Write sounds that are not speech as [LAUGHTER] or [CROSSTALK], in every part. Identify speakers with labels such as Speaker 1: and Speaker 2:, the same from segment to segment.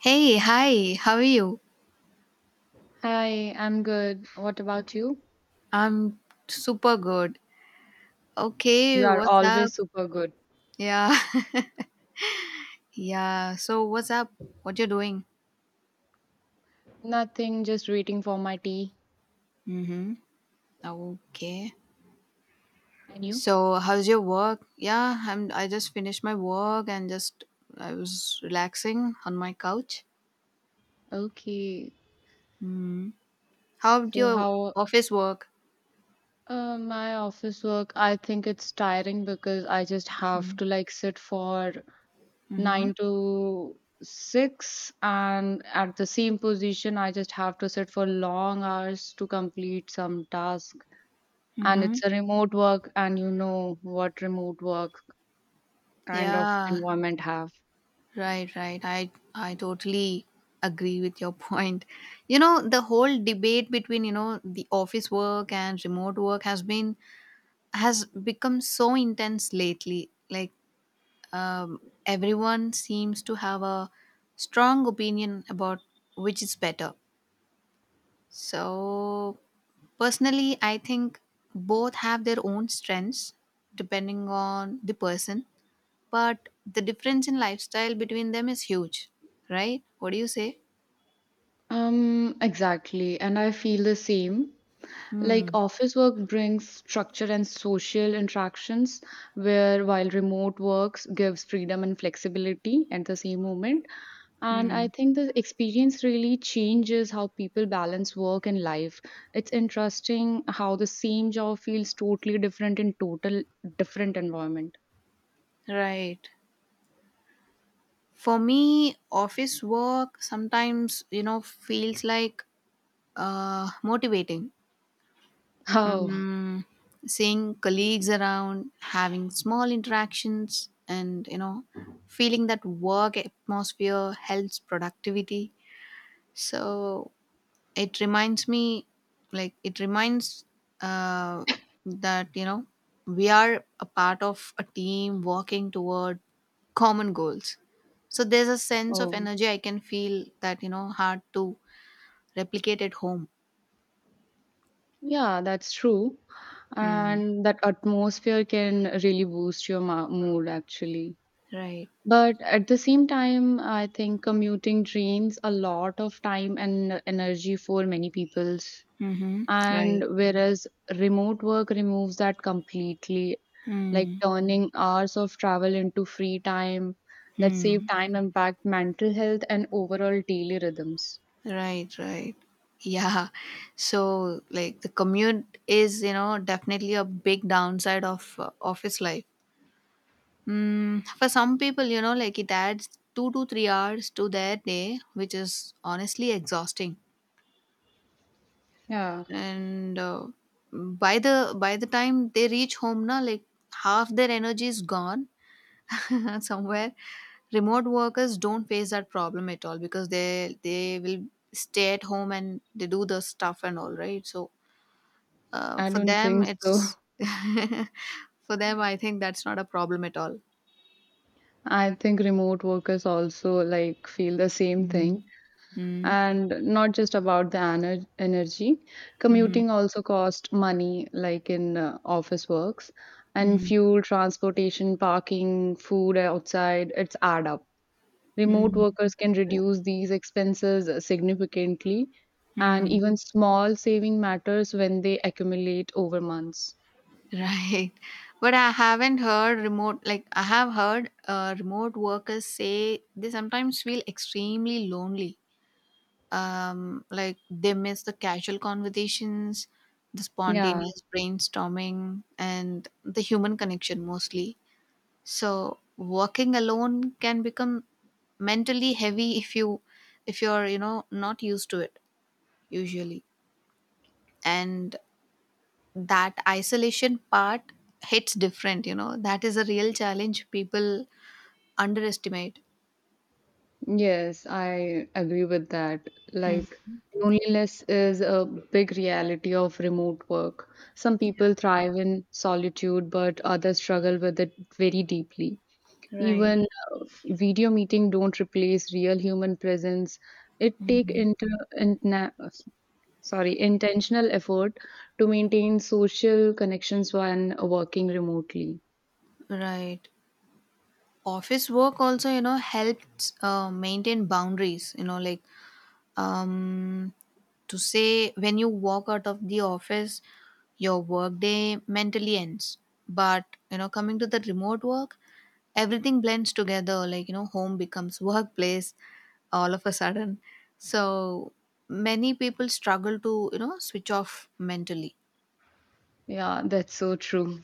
Speaker 1: Hey, hi, how are you?
Speaker 2: Hi, I'm good. What about you?
Speaker 1: I'm super good.
Speaker 2: You
Speaker 1: Okay,
Speaker 2: are
Speaker 1: what's up?
Speaker 2: always super good.
Speaker 1: Yeah, [LAUGHS] yeah. So, what's up? What you're doing?
Speaker 2: Nothing, just waiting for my tea.
Speaker 1: Mm-hmm. Okay.
Speaker 2: And you?
Speaker 1: So, how's your work? Yeah, I just finished my work and just I was relaxing on my couch.
Speaker 2: Okay.
Speaker 1: Mm-hmm. How'd
Speaker 2: So
Speaker 1: your
Speaker 2: how
Speaker 1: office work?
Speaker 2: My office work, I think it's tiring because I just have to like sit for
Speaker 1: Mm-hmm.
Speaker 2: 9 to 6 and at the same position I just have to sit for long hours to complete some task. And
Speaker 1: Mm-hmm.
Speaker 2: it's a remote work and you know what remote work kind of
Speaker 1: Yeah.
Speaker 2: environment have.
Speaker 1: Right, right. I totally agree with your point. The whole debate between, the office work and remote work has become so intense lately. Like everyone seems to have a strong opinion about which is better. So personally, I think both have their own strengths depending on the person, but the difference in lifestyle between them is huge, right? What do you say?
Speaker 2: Exactly. And I feel the same. Like
Speaker 1: Hmm.
Speaker 2: office work brings structure and social interactions, where while remote works gives freedom and flexibility at the same moment. And I
Speaker 1: Hmm.
Speaker 2: think the experience really changes how people balance work and life. It's interesting how the same job feels totally different in total different environment.
Speaker 1: Right. For me, office work sometimes, you know, feels like motivating.
Speaker 2: How?
Speaker 1: Mm, seeing colleagues around, having small interactions, and, you know, feeling that work atmosphere helps productivity. So, it reminds me it reminds uh, that you know we are a part of a team working toward common goals, so there's a sense of
Speaker 2: Oh,
Speaker 1: energy. I can feel that, you know, hard to replicate at home.
Speaker 2: yeah, that's true,
Speaker 1: Mm.
Speaker 2: and that atmosphere can really boost your mood, actually.
Speaker 1: Right.
Speaker 2: But at the same time, I think commuting drains a lot of time and energy for many people's,
Speaker 1: Mm-hmm.
Speaker 2: and
Speaker 1: Right.
Speaker 2: whereas remote work removes that completely, like
Speaker 1: Mm.
Speaker 2: turning hours of travel into free time. That save
Speaker 1: Mm.
Speaker 2: time impact mental health and overall daily rhythms.
Speaker 1: Right, right, yeah. So like the commute is, you know, definitely a big downside of office life. Mm, for some people, you know, like it adds 2 to 3 hours to their day, which is honestly exhausting.
Speaker 2: Yeah,
Speaker 1: And by the time they reach home, na, like half their energy is gone [LAUGHS] somewhere. Remote workers don't face that problem at all because they will stay at home and they do the stuff and all right. So
Speaker 2: I
Speaker 1: for
Speaker 2: don't
Speaker 1: them,
Speaker 2: think so.
Speaker 1: it's [LAUGHS] for them. I think that's not a problem at all.
Speaker 2: [LAUGHS] I think remote workers also like feel the same thing,
Speaker 1: Mm-hmm.
Speaker 2: and not just about the energy.
Speaker 1: Mm-hmm.
Speaker 2: Commuting also cost money, like in office works, and fuel, transportation, parking, food outside, it's add up. Remote
Speaker 1: Mm-hmm.
Speaker 2: workers can reduce these expenses significantly, and
Speaker 1: Hmm.
Speaker 2: even small saving matters when they accumulate over months.
Speaker 1: Right. But I haven't heard remote, like, I have heard remote workers say they sometimes feel extremely lonely. Like, they miss the casual conversations, the
Speaker 2: Yeah.
Speaker 1: spontaneous brainstorming, and the human connection mostly. So, working alone can become mentally heavy if you, if you're you know, not used to it usually, and that isolation part hits different, you know. That is a real challenge people underestimate.
Speaker 2: Yes, I agree with that. Like, loneliness is a big reality of remote work. Some people thrive in solitude, but others struggle with it very deeply.
Speaker 1: Right.
Speaker 2: Even uh, video meeting don't replace real human presence. It take interna, sorry, intentional effort to maintain social connections when working remotely.
Speaker 1: Right. Office work also, you know, helps maintain boundaries, you know, like um to say, when you walk out of the office your workday mentally ends. But you know, coming to the remote work, everything blends together, like you know, home becomes workplace all of a sudden. So many people struggle to, you know, switch off mentally.
Speaker 2: Yeah, that's so true,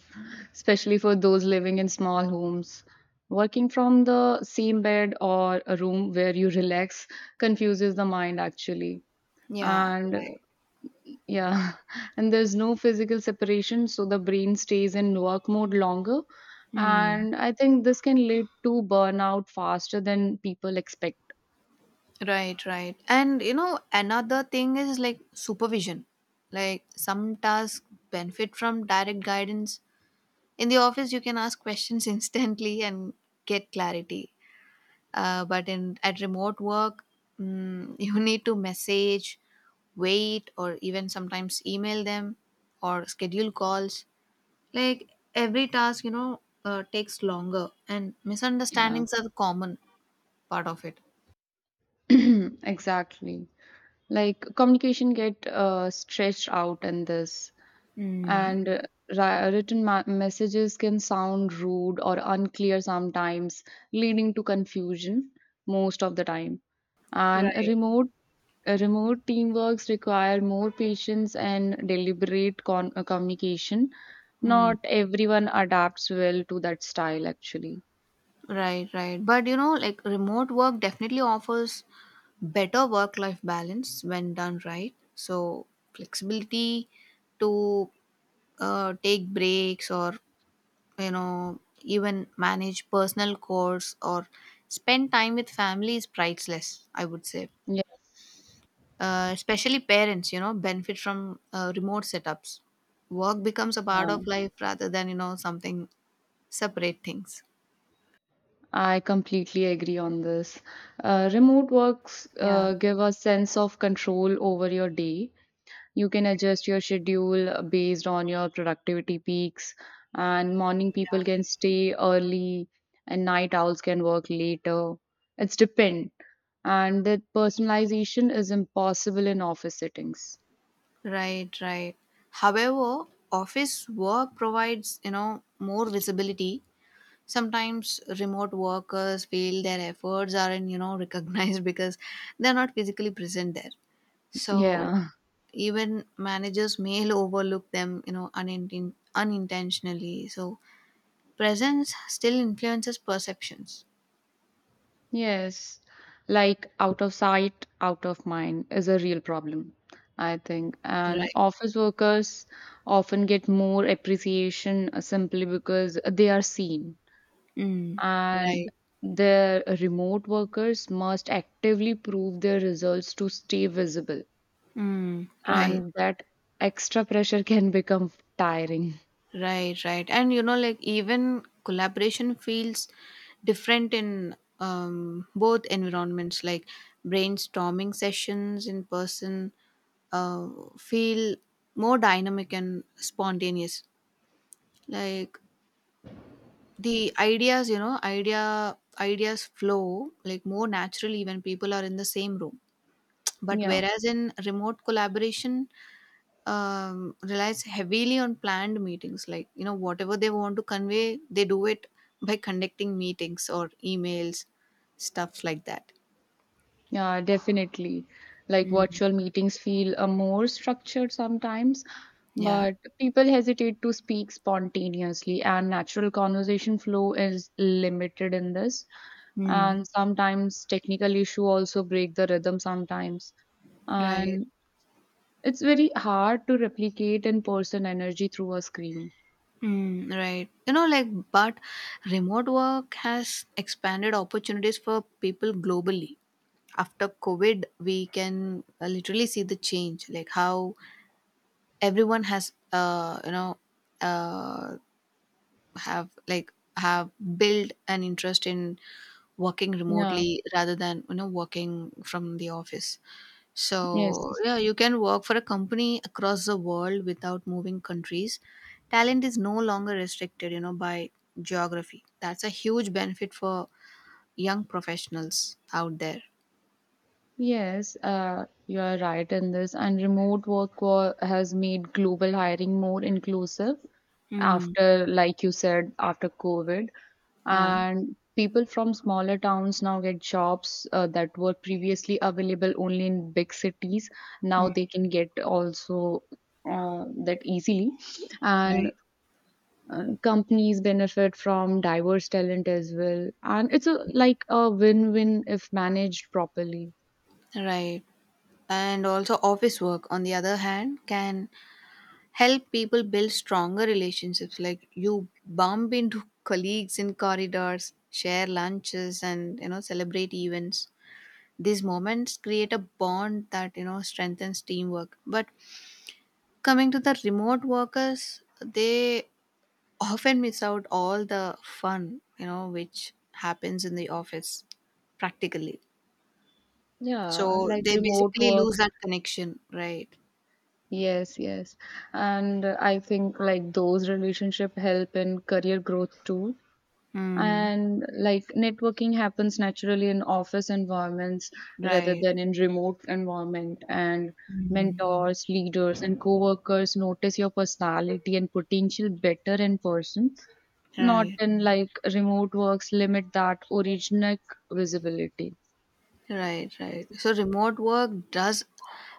Speaker 2: especially for those living in small homes. Working from the same bed or a room where you relax confuses the mind, actually.
Speaker 1: Yeah.
Speaker 2: And
Speaker 1: Right.
Speaker 2: yeah, [LAUGHS] and there's no physical separation, so the brain stays in work mode longer.
Speaker 1: Hmm.
Speaker 2: And I think this can lead to burnout faster than people expect.
Speaker 1: Right, right. And you know, another thing is like supervision. Like some tasks benefit from direct guidance. In the office, you can ask questions [LAUGHS] instantly and get clarity. But in at remote work, mm, [LAUGHS] you need to message, wait, or even sometimes email them or schedule calls. Like every task, you know, takes longer, and
Speaker 2: Yeah,
Speaker 1: misunderstandings are the common part of it.
Speaker 2: [CLEARS THROAT] exactly. Like communication get stretched out in this.
Speaker 1: Mm,
Speaker 2: And written messages can sound rude or unclear sometimes, leading to confusion most of the time. And a
Speaker 1: right.
Speaker 2: remote teamworks require more patience and deliberate communication. Not everyone adapts well to that style, actually.
Speaker 1: Right, right. But you know, like remote work definitely offers better work life balance when done right. So, flexibility to take breaks, or you know, even manage personal chores or spend time with family is priceless, I would say.
Speaker 2: Yes,
Speaker 1: Especially parents, you know, benefit from remote setups. Work becomes a part
Speaker 2: yeah,
Speaker 1: of life rather than, you know, something separate things.
Speaker 2: I completely agree on this. Remote works
Speaker 1: Yeah,
Speaker 2: give a sense of control over your day. You can adjust your schedule based on your productivity peaks, and morning people can stay early, and night owls can work later. It's depend, and that personalization is impossible in office settings.
Speaker 1: right, right. However, office work provides, you know, more visibility. Sometimes remote workers feel their efforts aren't, you know, [LAUGHS] recognized because they're not physically present there. So
Speaker 2: Yeah,
Speaker 1: even managers may [LAUGHS] overlook them, you know, unintentionally. So presence still influences perceptions.
Speaker 2: yes, like out of sight, out of mind is a real problem, I think. And
Speaker 1: Right.
Speaker 2: office workers often get more appreciation simply because they are seen.
Speaker 1: Mm.
Speaker 2: And
Speaker 1: Right.
Speaker 2: their remote workers must actively prove their results to stay visible.
Speaker 1: Mm. Right.
Speaker 2: And that extra pressure [LAUGHS] can become tiring.
Speaker 1: Right, right. And you know, like even collaboration feels different in both environments, like brainstorming sessions in person uh, feel more dynamic and spontaneous. Like the ideas, you know, ideas flow like more naturally when people are in the same room. But
Speaker 2: Yeah,
Speaker 1: whereas in remote collaboration, relies heavily on planned meetings. Like, you know, whatever they want to convey, they do it by conducting meetings or emails, stuff like that.
Speaker 2: yeah, definitely. Like
Speaker 1: Mm.
Speaker 2: virtual meetings feel more structured sometimes,
Speaker 1: Yeah.
Speaker 2: but people hesitate to speak spontaneously, and natural conversation flow is limited in this.
Speaker 1: Mm.
Speaker 2: And sometimes technical issue also break the rhythm sometimes.
Speaker 1: Right.
Speaker 2: And it's very hard to replicate in person energy through a screen.
Speaker 1: Mm, right. You know, like, but remote work has expanded opportunities for people globally. After COVID, we can literally see the change, like how everyone has uh have built an interest in working
Speaker 2: Yeah,
Speaker 1: remotely rather than, you know, working from the office. So
Speaker 2: yes.
Speaker 1: yeah, you can work for a company across the world without moving countries. Talent is no longer restricted, you know, by geography. That's a huge benefit for young professionals out there.
Speaker 2: Yes, you are right in this. And remote has made global hiring more inclusive
Speaker 1: Mm.
Speaker 2: after, like you said, after COVID.
Speaker 1: Yeah.
Speaker 2: And people from smaller towns now get jobs that were previously available only in big cities. Now they can get also that easily. And
Speaker 1: Right.
Speaker 2: companies benefit from diverse talent as well, and it's a like a win-win if managed properly.
Speaker 1: Right. And also, office work, on the other hand, can help people build stronger relationships, like you bump into [LAUGHS] colleagues in corridors, share lunches, and you know, celebrate events. These moments create a bond that, you know, strengthens teamwork. But coming to the remote workers, they often miss out all the fun, you know, which happens in the office practically.
Speaker 2: Yeah,
Speaker 1: So
Speaker 2: like
Speaker 1: they
Speaker 2: remote
Speaker 1: basically lose
Speaker 2: works.
Speaker 1: that connection, right?
Speaker 2: Yes, yes. And I think like those relationship help in career growth too.
Speaker 1: Mm,
Speaker 2: And like networking happens naturally in office environments rather
Speaker 1: right.
Speaker 2: than in remote environment. And
Speaker 1: Mm.
Speaker 2: mentors, leaders and co-workers notice your personality and potential better in person. Not
Speaker 1: Right.
Speaker 2: in like remote works limit that original visibility.
Speaker 1: Right, right. So remote work does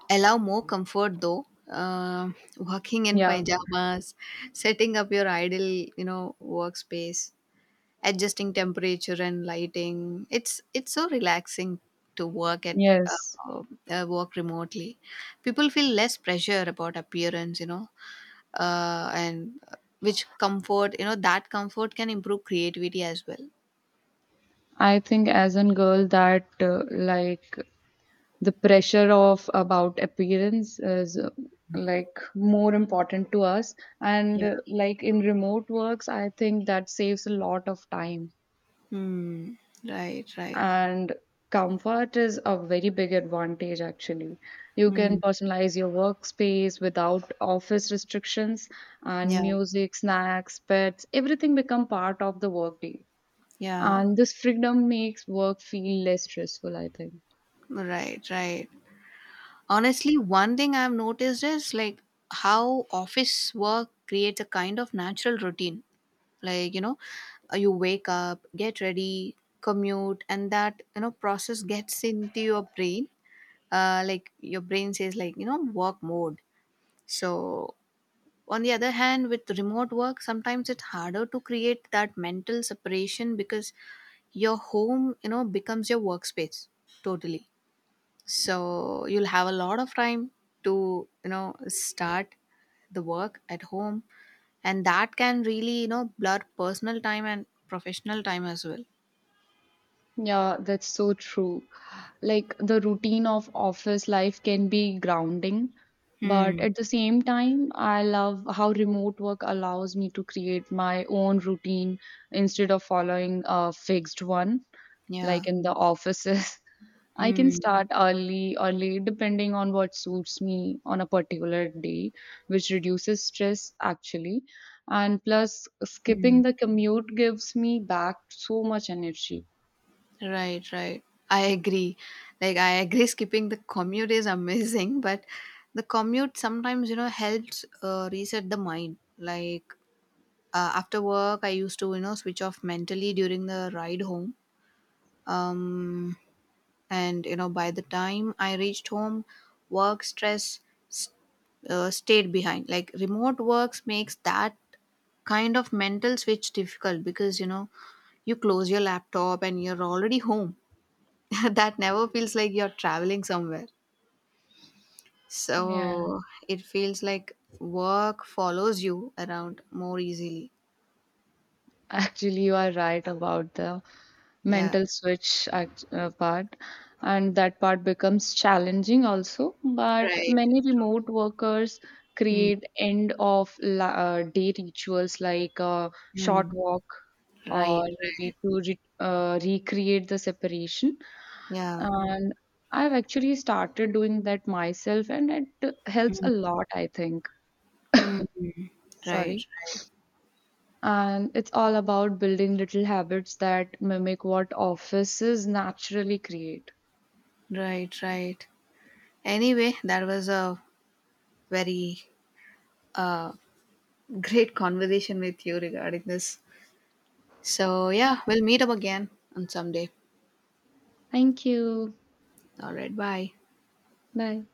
Speaker 1: allow more comfort though. Working in
Speaker 2: Yeah,
Speaker 1: pajamas, setting up your ideal, you know, workspace, adjusting temperature and lighting. It's so relaxing to work at
Speaker 2: yes.
Speaker 1: uh, work remotely. People feel less pressure about appearance, you know, and which comfort, you know, that comfort can improve creativity as well.
Speaker 2: I think as a girl that like the pressure of about appearance is like more important to us, and
Speaker 1: Yeah.
Speaker 2: like in remote works I think that saves a lot of time.
Speaker 1: Hmm. Right, right.
Speaker 2: And comfort is a very big advantage, actually. You can
Speaker 1: Hmm.
Speaker 2: personalize your workspace without office restrictions, and
Speaker 1: Yeah.
Speaker 2: music, snacks, pets, everything become part of the workday.
Speaker 1: Yeah,
Speaker 2: And this freedom makes work feel less stressful, I think.
Speaker 1: right, right. Honestly, one thing I've noticed is like how office work creates a kind of natural routine. Like, you know, you wake up, get ready, commute, and that, you know, process gets into your brain. Like your brain says like, you know, work mode. So on the other hand, with remote work, sometimes it's harder to create that mental separation because your home, you know, becomes your workspace totally. So you'll have a lot of time to, you know, start the work at home, and that can really, you know, blur personal time and professional time as well.
Speaker 2: Yeah, that's so true. Like the routine of office life can be grounding, but
Speaker 1: Hmm.
Speaker 2: at the same time, I love how remote work allows me to create my own routine instead of following a fixed one,
Speaker 1: Yeah.
Speaker 2: like in the offices. [LAUGHS] I can
Speaker 1: Hmm.
Speaker 2: start early or late depending on what suits me on a particular day, which reduces stress, actually. And plus,
Speaker 1: Hmm.
Speaker 2: skipping the commute gives me back so much energy.
Speaker 1: Right, right, I agree. Like I agree [LAUGHS] skipping the commute is amazing. But the commute sometimes, you know, helps reset the mind. Like after work I used to, you know, switch off mentally during the ride home. um and you know, by the time I reached home, work stress s- stayed behind. Like remote works makes that kind of mental switch difficult because, you know, you close your laptop and you're already home. [LAUGHS] That never feels like you're traveling somewhere.
Speaker 2: Yeah,
Speaker 1: So it feels like work follows you around more easily.
Speaker 2: actually, you are right about the
Speaker 1: Yeah.
Speaker 2: mental switch part, and that part becomes challenging also. But
Speaker 1: Right.
Speaker 2: many
Speaker 1: True.
Speaker 2: remote workers
Speaker 1: Mm,
Speaker 2: create end of la day rituals like a short
Speaker 1: mm.
Speaker 2: walk
Speaker 1: Right,
Speaker 2: or
Speaker 1: right,
Speaker 2: maybe to re recreate the separation.
Speaker 1: yeah.
Speaker 2: And I've actually started doing that myself, and it helps a lot, I think.
Speaker 1: Mm.
Speaker 2: Sorry.
Speaker 1: Right, right.
Speaker 2: And it's all about building little habits that mimic what offices naturally create.
Speaker 1: Right, right. Anyway, that was a very uh, great conversation with you regarding this. So, yeah, we'll meet up again on someday.
Speaker 2: Thank you.
Speaker 1: All right, bye.
Speaker 2: Bye.